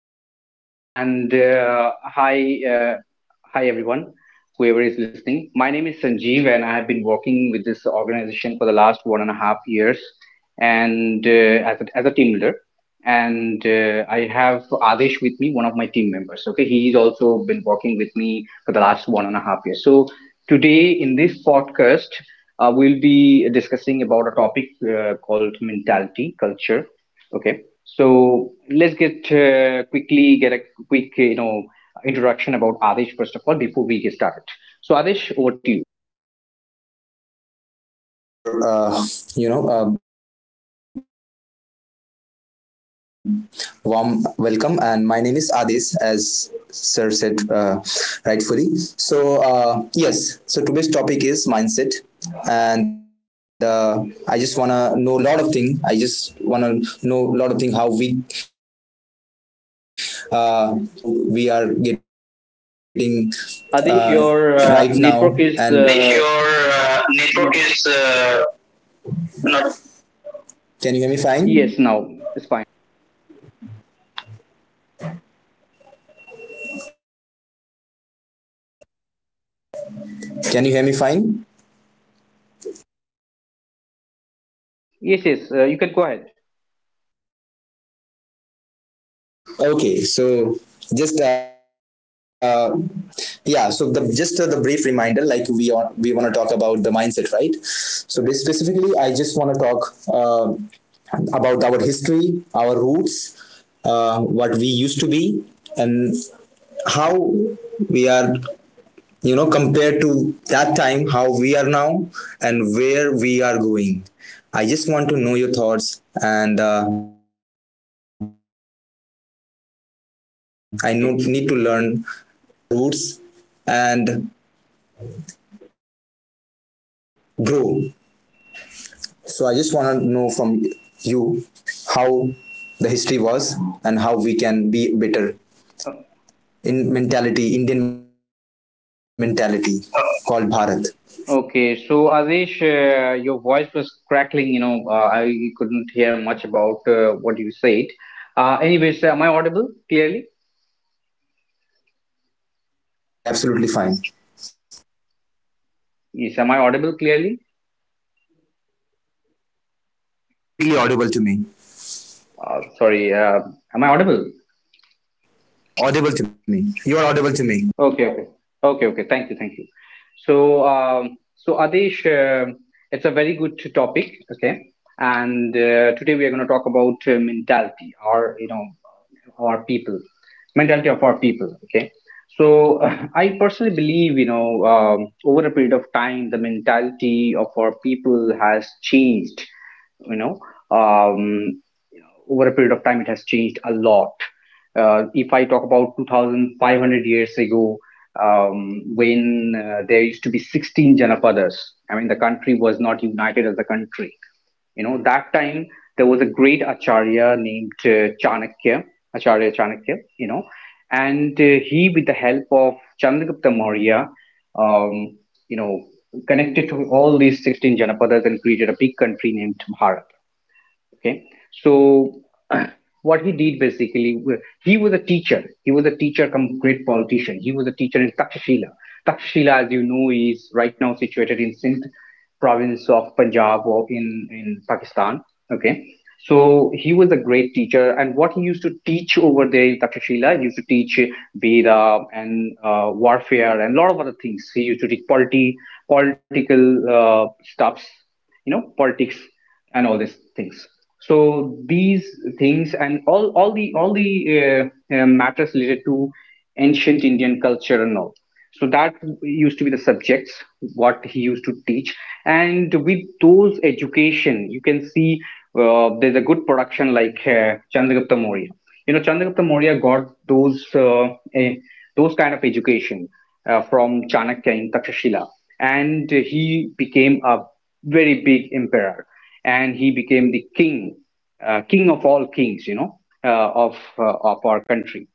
Okay, and hi, hi everyone, whoever is listening. My name is Sanjeev, and I have been working with this organization for the last 1.5 years, and as a team leader. And I have Adesh with me, one of my team members. Okay, he's also been working with me for the last 1.5 years. So today in this podcast, we'll be discussing about a topic called mentality culture. Okay, so let's get quickly get a quick introduction about Adesh first of all before we get started. So Adesh, over to you. Thank you so much for you know um, warm welcome. And my name is Adis, as sir said rightfully. So yes, so today's topic is mindset, and I just wanna know a lot of thing. I just wanna know a lot of thing how we, uh, what our his what was our whatever our history was, how we are getting uh, Adesh, right now, your and if network your is network is not. not, can you hear me fine? Yes, now it's fine. Can you hear me fine? Yes, yes, you can go ahead. Okay, so just yeah, so the brief reminder, like we want to talk about the mindset, right? So specifically, I just want to talk uh, about our history, our roots, what we used to be, and how we are, you know, compared to that time, how we are now, and where we are going. I just want to know your thoughts, and I know, need to learn how we can, you know, still Okay, follow our roots and grow. So I just want to know from you how the history was and how we can be better in uh, mentality, Indian mentality called Bharat. okay. So Adesh, your voice was crackling. You know, I couldn't hear much about what you said. Anyways, am I audible clearly? Yeah, absolutely fine. Yes, am I audible clearly? Really? Yes, you are completely audible to me. Sorry, am I audible? Oh, sorry. Am I audible? Yes, yes, audible to me. You are Okay, audible okay, to me. okay, okay. Thank you, thank you. So, so Adesh, it's a very good topic. Okay, and today we are going to talk about mentality, or you know, our people, mentality of our people. Okay, so I personally believe, you know, over a period of time, the mentality of our people has changed. You know, um, over a period of time, it has changed a lot. If I talk about 2,500 years ago, when there used to be 16 Janapadas, I mean, the country was not united as a country. You know, that time there was a great acharya named Chanakya, Acharya Chanakya, you know, and he, with the help of Chandragupta Maurya, um, you know, connected to all these 16 janapadas and created a big country named Bharat. Okay, so what he did basically he was a teacher. He was a teacher come great politician. He was a teacher in Takshashila. Takshashila, as you know, is right now situated in Sindh province of Punjab, or in Pakistan. Okay, so he was a great teacher. And what he used to teach over there in Takshashila, he used to teach Veda, and warfare, and a lot of other things. He used to teach polity, political uh, stuffs, you know, politics and all these things. So these things and all the uh, matters related to ancient Indian culture and all, so that used to be the subjects what he used to teach. And with those education, you can see there's a good production like Chandragupta Mourya. You know, Chandragupta Mourya got those eh, those kind of education from Chanakya in Takshashila, and he became a very big emperor, and he became the king, king of all kings, you know, of our country.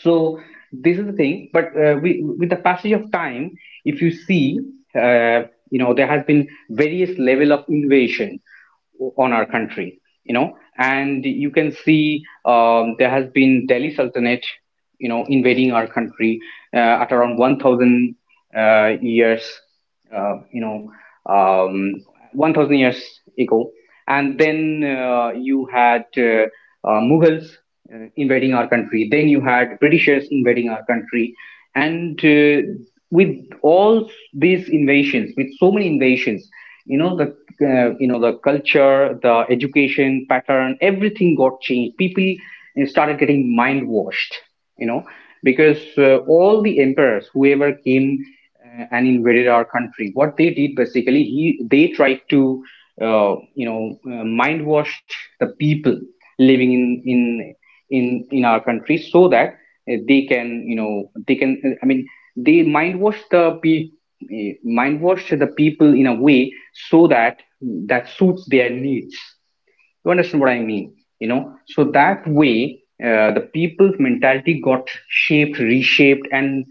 So this is the thing. But we, with the passage of time, if you see, uh, you know, there has been various level of invasion on our country, you know. And you can see there has been Delhi Sultanate, you know, invading our country at around 1,000 years you know, um, 1,000 years ago. And then you had Mughals invading our country. Then you had Britishers invading our country. And with all these invasions, with so many invasions, you know, the you know, the culture, the education pattern, everything got changed. People started getting mind washed, you know. Because all the emperors whoever came and invaded our country, what they did basically, he they tried to mind wash the people living in our country, so that they can, you know, they can they mind wash mind wash the people in a way so that that suits their needs. You understand what I mean? You know, so that way the people's mentality got shaped, reshaped, and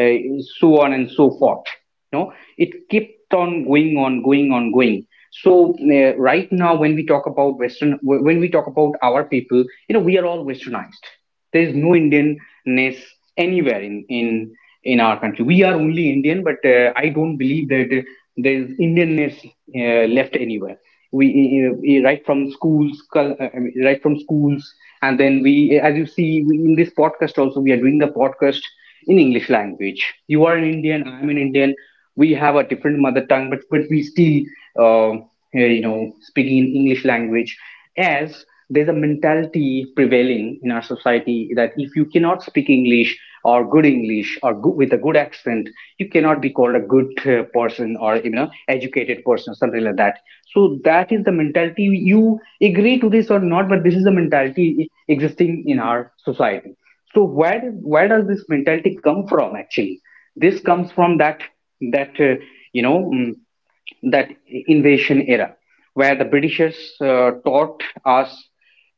so on and so forth. You know, it kept on going on, going on, going. So right now, when we talk about Western, when we talk about our people, you know, we are all Westernized. There is no Indianness anywhere in our country. We are only Indian, but I don't believe that there is Indianness left anywhere. We right from schools right from schools, and then we, as you see, we, in this podcast also, we are doing the podcast in English language. You are an Indian, I'm an Indian. We have a different mother tongue, but we still, uh, you know, speaking in English language. As there's a mentality prevailing in our society that if you cannot speak English, or good English, or good, with a good accent, you cannot be called a good person, or you know, educated person, or something like that. So that is the mentality. You agree to this or not, but this is the mentality existing in our society. So where does this mentality come from actually? This comes from that that uh, you know mm, that invasion era where the Britishers taught us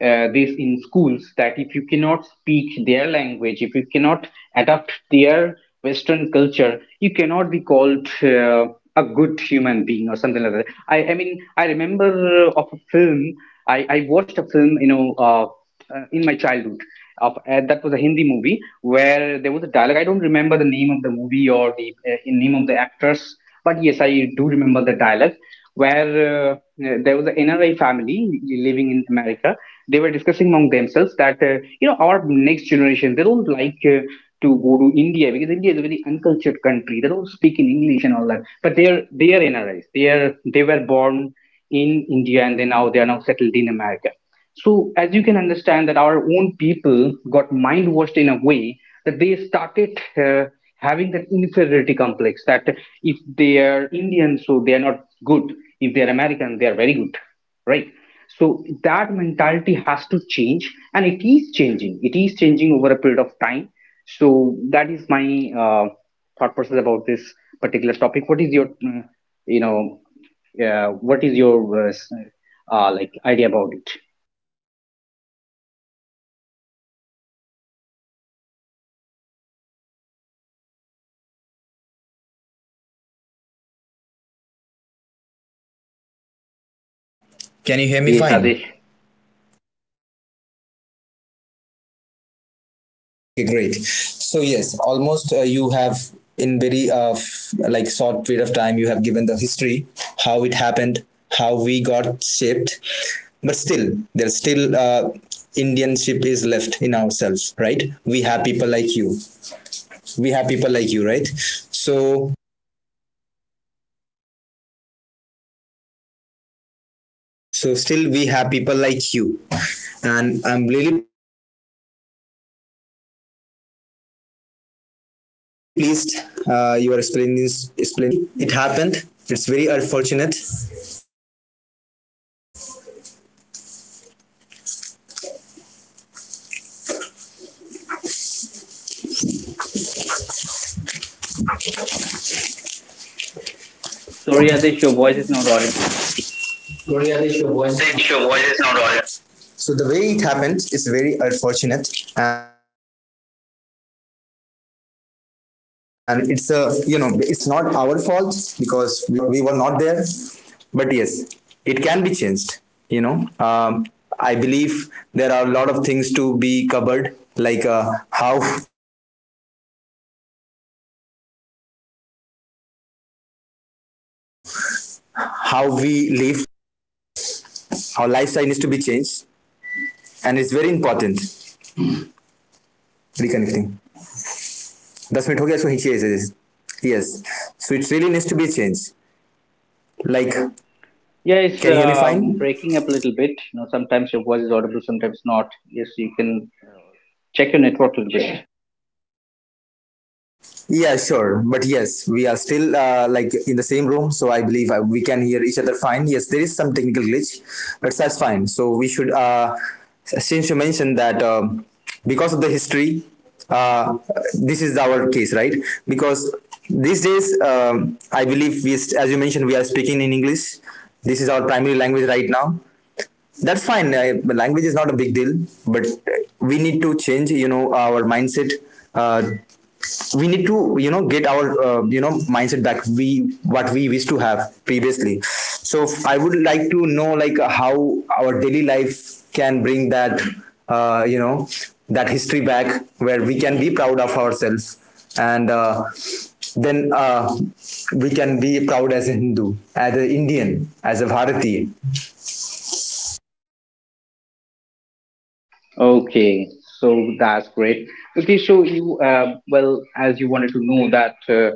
this in schools, that if you cannot speak their language, if you cannot adapt their Western culture, you cannot be called a good human being or something like that. I mean, I remember of a film. I watched a film, you know. In my childhood. That was a Hindi movie where there was a dialogue. I don't remember the name of the movie or the name of the actors, but yes, I do remember the dialogue where there was an NRI family living in America. They were discussing among themselves that you know, our next generation, they don't like to go to India because India is a very uncultured country. They don't speak in English and all that. But they are NRIs. They were born in India, and they are now settled in America. So as you can understand that our own people got mind washed in a way that they started having that inferiority complex that if they are Indian, so they are not good. If they are American, they are very good, right? So that mentality has to change, and it is changing. It is changing over a period of time. So that is my thought process about this particular topic. What is your, you know, what is your like idea about it? Okay, great. I believe you, you can hear me fine. If you can just give me yes, I would be then processing it. Yes, Can you hear Adesh. me fine? Okay, great. So yes, almost you have in very like short period of time you have given the history, how it happened, how we got shaped, but still there's still Indianship is left in ourselves, right? We have people like you. We have people like you, right? So so still we have people like you, and I'm really pleased you are explaining this to me because yeah, the way it happened, it's very unfortunate. Sorry, Adesh, your voice is not audible. Your voice is not audible. So the way it happened is very unfortunate, and it's a, you know, it's very sad history. Uh, as you said, it's not our fault because we were not there, but yes, it can be changed, you know. um, I believe there are a lot of things to be covered, like how how we live these days, our lifestyle and everything. Our lifestyle needs to be changed. And it's very important. Reconnecting. 10 minutes. Okay. Yes. Yes. Yes. Yes. So it really needs to be changed. Like, can you hear me fine? Yeah, it's breaking up a little bit. You know, sometimes your voice is audible, sometimes not. Yes, you can check your network a little bit. Yeah, sure. But yes, we are still like in the same room, so I believe we can hear each other fine. Yes, there is some technical glitch, but that's fine. So we should, since you mentioned that because of the history, uh, this is our case, right? Because these days, I believe as you mentioned, we are speaking in English. This is our primary language right now. That's fine. The language is not a big deal, but we need to change, you know, our mindset. uh, we need to, you know, get our, you know, mindset back, we what we wish to have previously. So I would like to know, like, how our daily life can bring that, you know, that history back, where we can be proud of ourselves, and then we can be proud as a Hindu, as an Indian, as a Bharati. Okay, so that's great. Okay, so you well, as you wanted to know that, uh,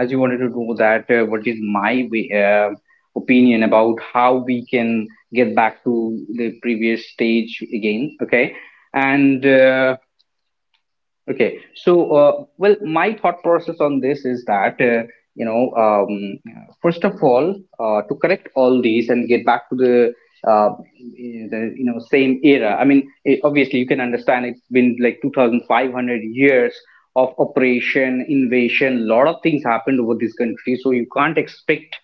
as you wanted to know that, uh, what is my way, opinion about how we can get back to the previous stage again? Okay, and. Okay, so well, my thought process on this is that you know, um, first of all, to correct all these and get back to the uh, you know same era. I mean, it, obviously, you can understand it's been like 2,500 years of operation, invasion. A lot of things happened over this country, so you can't expect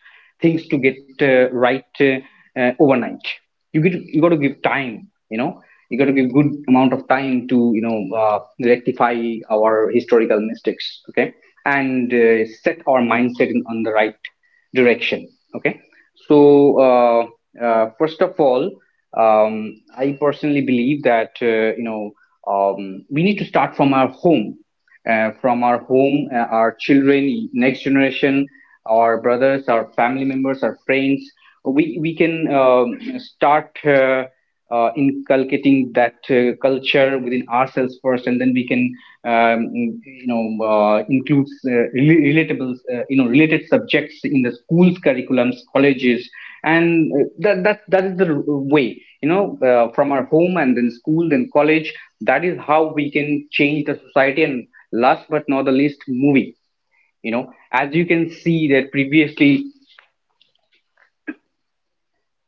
things to get right overnight. You got to give time. You know, you got to give good amount of time to, you know, rectify our historical mistakes. Okay, and set our mindset on the right direction. Okay, so first of all, I personally believe that we need to start from our home, from our home, our children, next generation, our brothers, our family members, our friends. We can start inculcating that culture within ourselves first, and then we can includes relatable, you know, related subjects in the schools, curriculums, colleges, and that is the way, you know, from our home, and then school, then college. That is how we can change the society. And last but not the least, movie. You know, as you can see that previously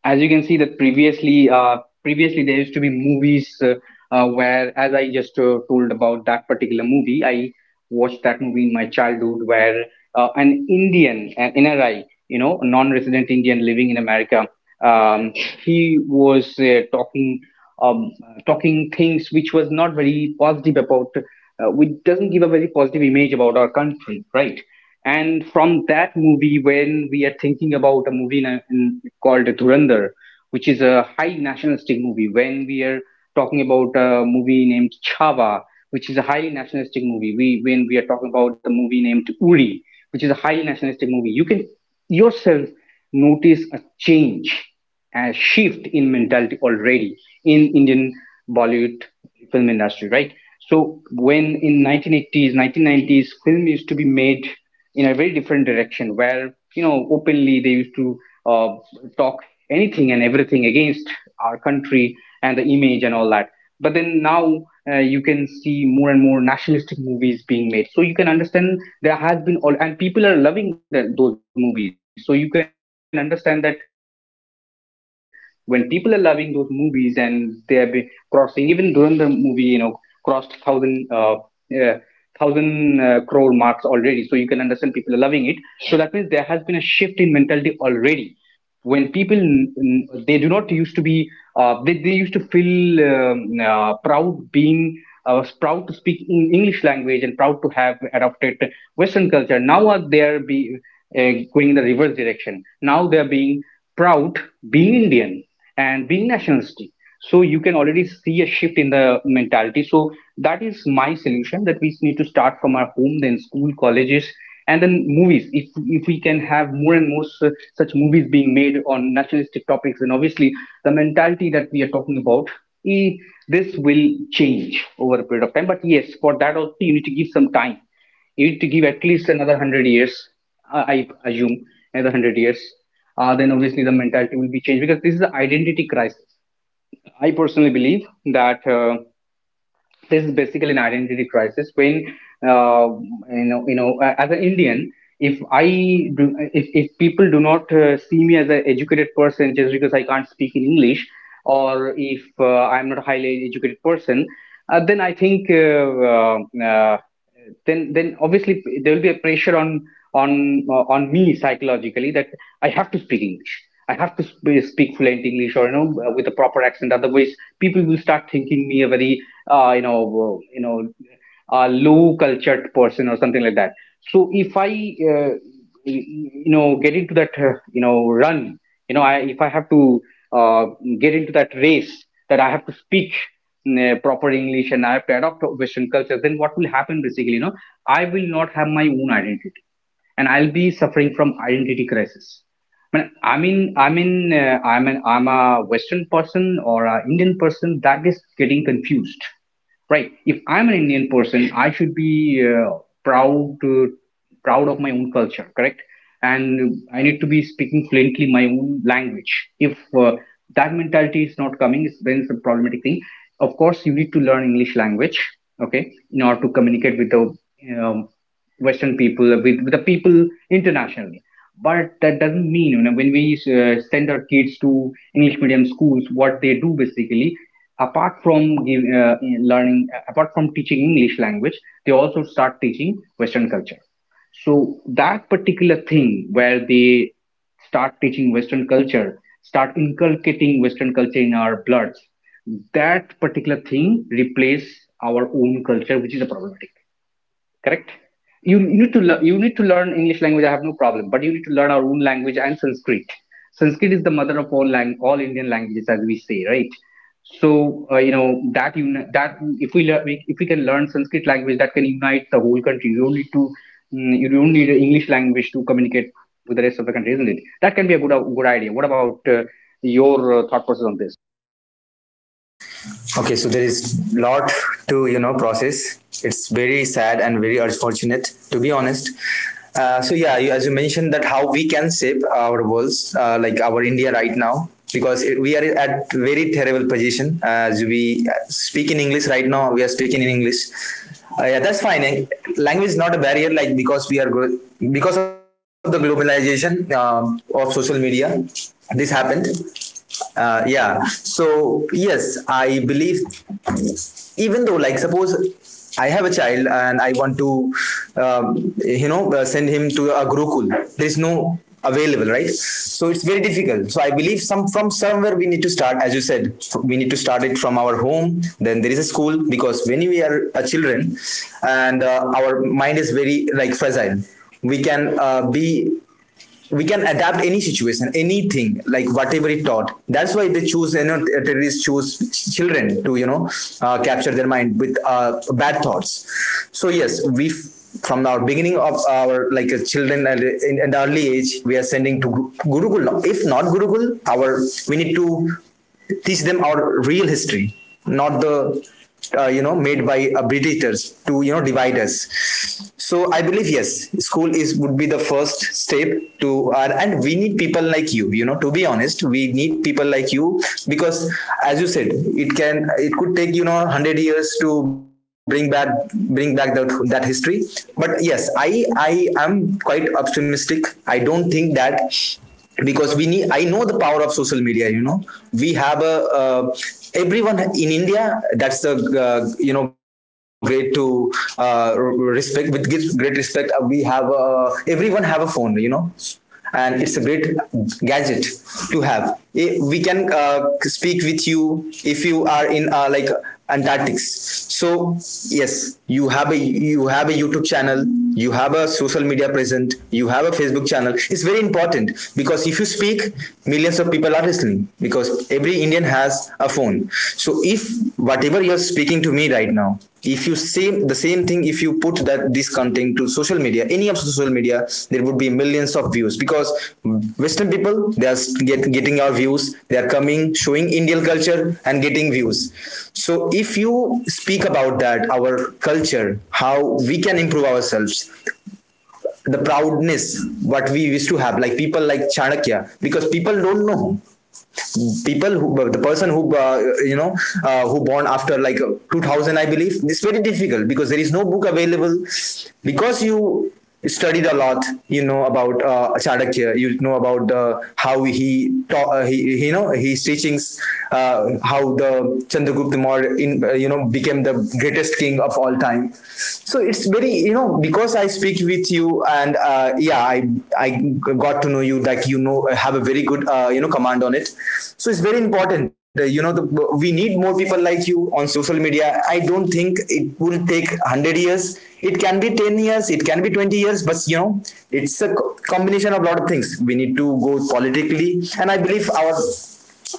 as you can see that previously uh, previously there used to be movies where, as I just told, about that particular movie I watched that movie in my childhood where an indian an NRI, you know, a non-resident Indian living in America, um, he was talking, um, talking things which was not very positive about, which doesn't give a very positive image about our country, right? And from that movie, when we are thinking about a movie called Dhurandhar, which is a high nationalistic movie, when we are talking about a movie named Chhava, which is a highly nationalistic movie, we when we are talking about a movie named Uri, which is a highly nationalistic movie, you can yourself notice a change, a shift in mentality already in Indian Bollywood film industry, right? So when in 1980s, 1990s, film used to be made in a very different direction, where you know openly they used to uh, talk anything and everything against our country and the image and all that. But then now you can see more and more nationalistic movies being made. So you can understand there has been all, and people are loving those movies. So you can understand that when people are loving those movies and they have been crossing, even Durandar movie, you know, crossed thousand. Uh, Thousand crore marks already. So you can understand people are loving it. So that means there has been a shift in mentality already. When people they do not used to be, they used to feel proud being, proud to speak in English language and proud to have adopted Western culture. Now are they are be going in the reverse direction. Now they are being proud being Indian and being nationalistic. So you can already see a shift in the mentality. So that is my solution, that we need to start from our home, then school, colleges, and then movies. If we can have more and more such movies being made on nationalistic topics, then obviously the mentality that we are talking about, eh, this will change over a period of time. But yes, for that also you need to give some time. It give at least another 100 years, I assume, another 100 years. Then obviously the mentality will be changed, because this is an identity crisis. I personally believe that this is basically an identity crisis. When uh, you know, as an Indian, if I do, if people do not see me as an educated person just because I can't speak in English, or if I'm not a highly educated person, then I think, uh, then obviously there will be a pressure on on me psychologically, that I have to speak English. I have to speak fluent English, or you know, with a proper accent. Otherwise, people will start thinking me a very you know, low cultured person or something like that. So if I, uh, y- you know, get into that, you know, run, you know, if I have to uh, get into that race, that I have to speak proper English and I have to adopt Western culture, then what will happen basically? You know, I will not have my own identity, and I'll be suffering from identity crisis. I'm an I'm a Western person or an Indian person, that is getting confused, right? If I'm an Indian person, I should be proud to, proud of my own culture, correct? And I need to be speaking fluently my own language. If that mentality is not coming, then it's a problematic thing. Of course you need to learn English language, okay, in order to communicate with the um, Western people, with the people internationally. But that doesn't mean, you know, when we send our kids to English medium schools, what they do basically, apart from apart from teaching English language, they also start teaching Western culture. So that particular thing where they start teaching Western culture, start inculcating Western culture in our bloods, that particular thing replace our own culture, which is a problematic, correct? You need to learn, you need to learn English language, I have no problem, but you need to learn our own language and Sanskrit. Sanskrit is the mother of all all Indian languages, as we say, right? So uh, you know that you that if learn, if we can learn Sanskrit language, that can unite the whole country. You don't need to, you don't need English language to communicate with the rest of the country, isn't it? That can be a good good idea. What about your thought process on this? Okay, so there is lot to, you know, process. It's very sad and very unfortunate to be honest. So yeah, you, as you mentioned that how we can shape our worlds, like our India right now, because it, we are at very terrible position. As we speak in English right now, we are speaking in English. Yeah, that's fine. Language is not a barrier. Like, because we are because of the globalization of social media, this happened. Yeah. So yes, I believe even though, like, suppose I have a child and I want to um, you know, send him to a gurukul, there is no available, right? So it's very difficult. So I believe some from somewhere we need to start. As you said, we need to start it from our home, then there is a school, because when we are a children, and our mind is very like fragile, we can be we can adapt any situation, anything, like whatever it taught. That's why they choose, you know, terrorists choose children to, you know, capture their mind with bad thoughts. So yes, we from our beginning of our, like, children at in the early age, we are sending to gurukul. If not gurukul, our, we need to teach them our real history, not the, you know, made by agitators to, you know, divide us. So I believe yes, school is would be the first step to our, and we need people like you. You know, to be honest, we need people like you because, as you said, it can, it could take, you know, 100 years to bring back that history. But yes, I am quite optimistic. I don't think that because we need, I know the power of social media, you know. We have a, uh, everyone in India, that's the you know, great to, uh, respect with great respect. We have, everyone have a phone, you know, and it's a great gadget to have. We can speak with you if you are in, like, and tactics. So yes, you have a, you have a YouTube channel, you have a social media present, you have a Facebook channel. It's very important because if you speak, millions of people are listening, because every Indian has a phone. So if whatever you're speaking to me right now, if you same the same thing, if you put that this content to social media, any of social media, there would be millions of views, because Western people, they are getting our views, they are coming, showing Indian culture and getting views. So if you speak about that, our culture, how we can improve ourselves, the proudness what we used to have, like people like Chanakya, because people don't know. People who the person who you know, who born after like 2000, I believe, it's very difficult because there is no book available. Because you studied a lot, you know, about Chardakya, you know, about how he taught, you know, his teachings, how the Chandragupta Maurya in, you know, became the greatest king of all time. So it's very, you know, because I speak with you and yeah, I got to know you, like, you know, have a very good you know, command on it. So it's very important, you know, the, we need more people like you on social media. I don't think it will take 100 years. It can be 10 years, it can be 20 years, but you know, it's a combination of a lot of things. We need to go politically, and I believe our,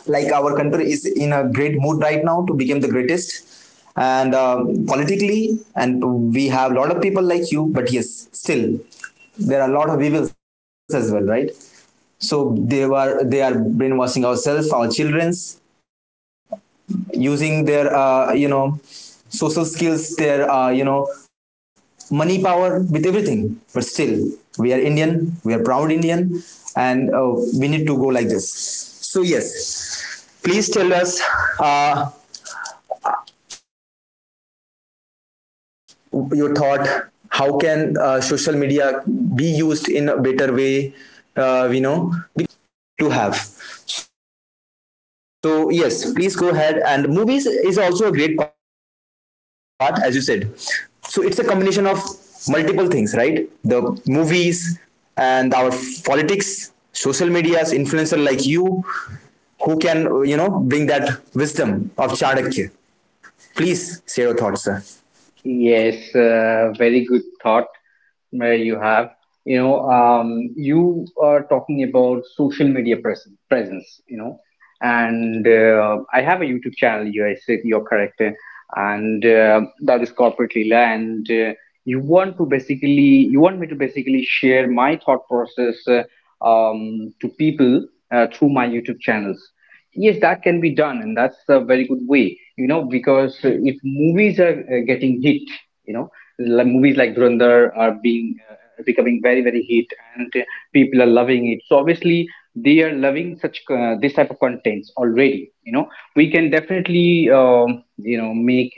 like our country is in a great mood right now to become the greatest, and politically, and we have a lot of people like you, but yes, still there are a lot of evils as well, right? So they are brainwashing ourselves, our children's, using their you know, social skills, their, you know, money power, with everything. But still, we are Indian, we are proud Indian, and we need to go like this. So yes, please tell us uh, your thought, how can social media be used in a better way, you know, because I think that's a great artist, like this, it is a great asset right now to have. So yes, please go ahead. And movies is also a great part, as you said. So it's a combination of multiple things, right? The movies, and our politics, social medias, influencer like you, who can, you know, bring that wisdom of Chanakya. Please share your thoughts, sir. Yes, very good thought where you have. You know, you are talking about social media presence, you know, and I have a YouTube channel, you I said you're correct, and that is Corporate Leela, and you want to basically, you want me to basically share my thought process, to people through my YouTube channels. Yes, that can be done, and that's a very good way, you know, because if movies are getting hit, you know, like movies like Dhurandhar are being becoming very, very hit, and people are loving it. So obviously, they are loving such this type of contents already. You know, we can definitely, you know, make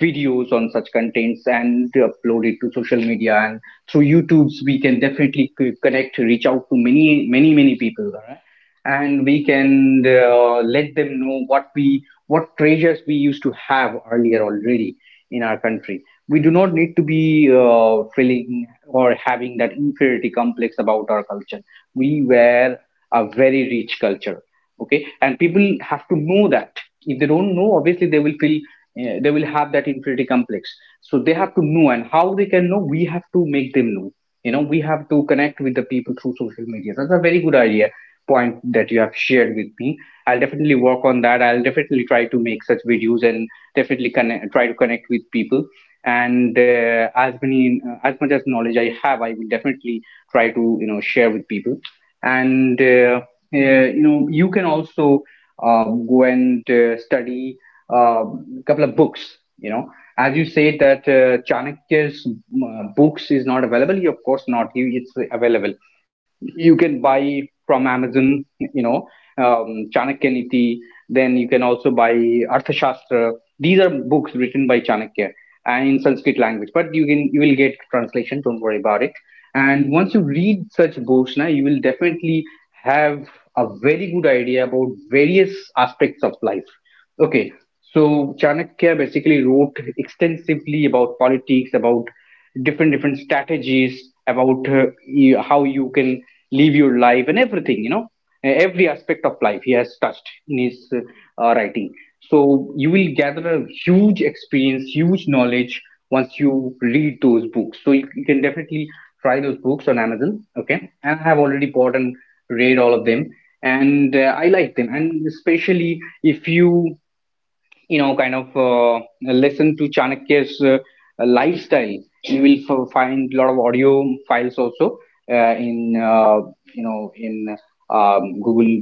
videos on such contents and upload it to social media, and through YouTube's we can definitely connect, reach out to many, many, many people. All right, and we can let them know what we, what treasures we used to have earlier already in our country. We do not need to be feeling or having that inferiority complex about our culture. We were a very rich culture, okay, and people have to know that. If they don't know, obviously they will feel, they will have that inferiority complex. So they have to know, and how they can know, we have to make them know. You know, we have to connect with the people through social media. That's a very good idea, point, that you have shared with me. I'll definitely work on that, I'll definitely try to make such videos and definitely connect, try to connect with people, and as many as much as knowledge I have, I will definitely try to, you know, share with people. And you know, you can also go and study a couple of books, you know. As you say that Chanakya's books is not available, you, of course not, you, it's available. You can buy from Amazon, you know, um, Chanakya Niti, then you can also buy Arthashastra. These are books written by Chanakya and in Sanskrit language. But you can, you will get translation. Don't worry about it. And once you read such Bhoshna, you will definitely have a very good idea about various aspects of life. Okay, so Chanakya basically wrote extensively about politics, about different different strategies, about you, how you can live your life and everything. You know, every aspect of life he has touched in his writing. So you will gather a huge experience, huge knowledge, once you read those books. So you can definitely try those books on Amazon, okay, and I have already bought and read all of them, and I like them. And especially if you, you know, kind of listen to Chanakya's lifestyle, you will find a lot of audio files also in you know, in Google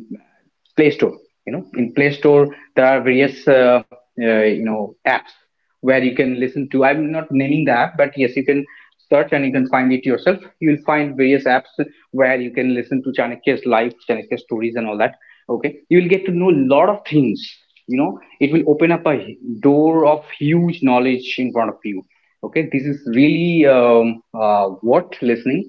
Play Store. You know, in Play Store there are various you know, apps where you can listen to. I'm not naming the app, but yes, you can search and you can find it yourself. You'll find various apps where you can listen to Chanakya's life, Chanakya's stories, and all that. Okay, you will get to know a lot of things. You know, it will open up a door of huge knowledge in front of you. Okay, this is really worth listening.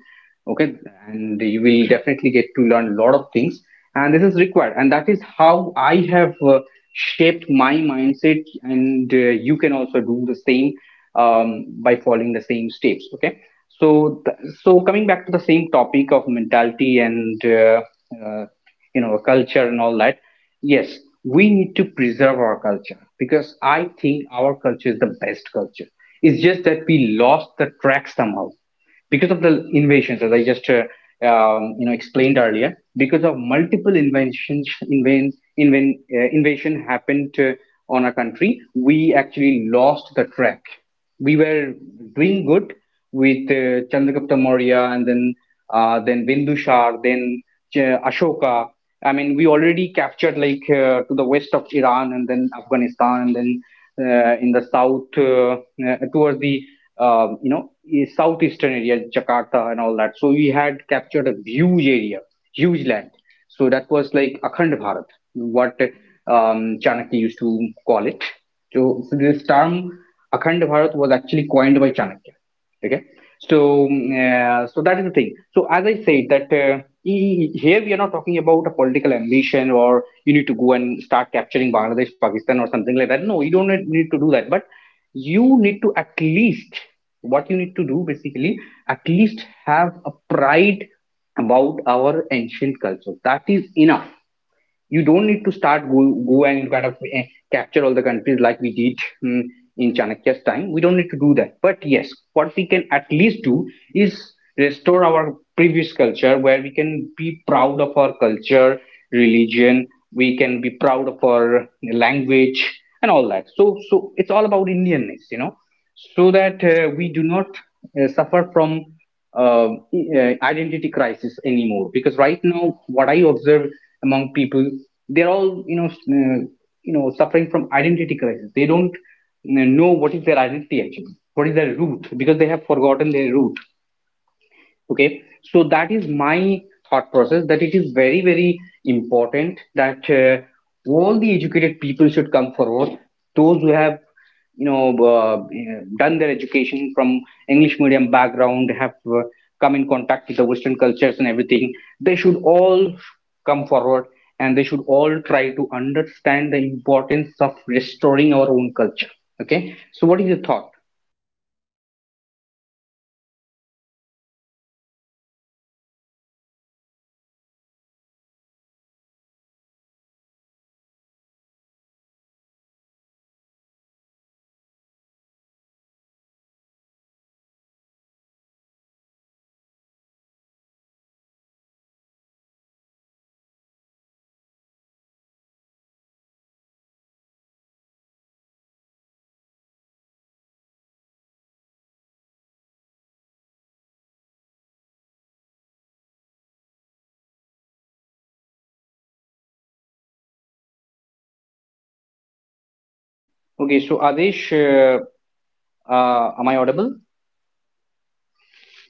Okay, and you will definitely get to learn a lot of things, and this is required. And that is how I have shaped my mindset, and you can also do the same by following the same steps, okay. so th- so coming back to the same topic of mentality and uh, you know, culture and all that, yes, we need to preserve our culture, because I think our culture is the best culture. It's just that we lost the track somehow because of the inventions, as I just you know, explained earlier. Because of multiple inventions, invasion happened on our country, we actually lost the track. We were doing good with Chandragupta Maurya, and then Bindusar, then Ashoka. I mean, we already captured like to the west of Iran and then Afghanistan and then in the south towards the southeastern area, Jakarta and all that. So we had captured a huge area, huge land. So that was like Akhand Bharat, what Chanakya used to call it. So this term Akhand Bharat was actually coined by Chanakya. Okay, so so that is the thing. So as I said that, here we are not talking about a political ambition, or you need to go and start capturing Bangladesh, Pakistan or something like that. No, you don't need to do that, but you need to at least, what you need to do basically, at least have a pride about our ancient culture. That is enough. You don't need to go and kind of capture all the countries like we did hmm, in Chanakya's time. We don't need to do that. But yes, what we can at least do is restore our previous culture, where we can be proud of our culture, religion, we can be proud of our language and all that. So it's all about Indianness, you know, so that we do not suffer from uh, identity crisis anymore. Because right now, what I observe among people, they're all, you know, suffering from identity crisis. They don't, you know what is their identity actually, what is their root, because they have forgotten their root. Okay, so that is my thought process, that it is very very important that all the educated people should come forward, those who have, you know, uh, done their education from English medium background, have come in contact with the western cultures and everything, they should all come forward, and they should all try to understand the importance of restoring our own culture. Okay, so what is your thought? Okay. Yes. Actually, I was obsessed. Yes. Actually, I was obsessed. That's fine. Actually, I was obsessed. Whatever you are saying, it's great. You know, I can go on and on. I can listen to you like about hours and hours. It's very broad topics. It's very broad topic. Okay, so Adesh, am I audible?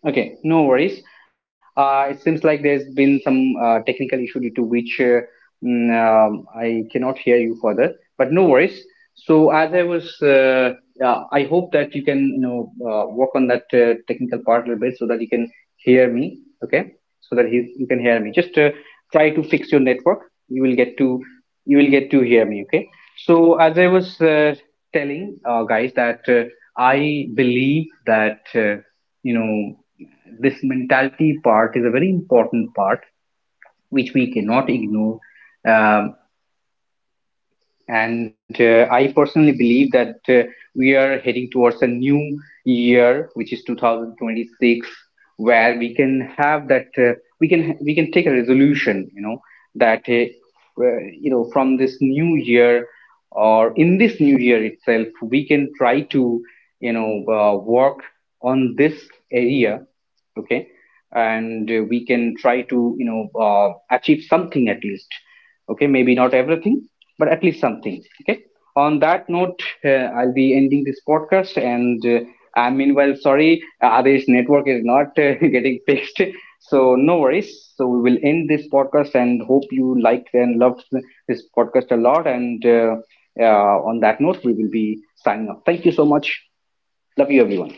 Okay, no worries. It seems like there's been some technical issue, due to which I cannot hear you further, but no worries. So as I was, I hope that you can, you know, work on that technical part a little bit, so that you can hear me. Okay, so that he, you can hear me. Just try to fix your network. You will get to, you will get to hear me. Okay. So as I was telling guys that, I believe that you know this mentality part is a very important part, which we cannot ignore. Um, and I personally believe that we are heading towards a new year, which is 2026, where we can have that, we can take a resolution, you know, that you know, from this new year, or in this new year itself, we can try to, you know, work on this area, okay, and we can try to, you know, achieve something at least. Okay, maybe not everything, but at least something. Okay, on that note, I'll be ending this podcast, and I, meanwhile, sorry Adesh, network is not getting fixed, so no worries. So we will end this podcast, and hope you liked and loved this podcast a lot, and on that note, we will be signing off. Thank you so much. Love you everyone.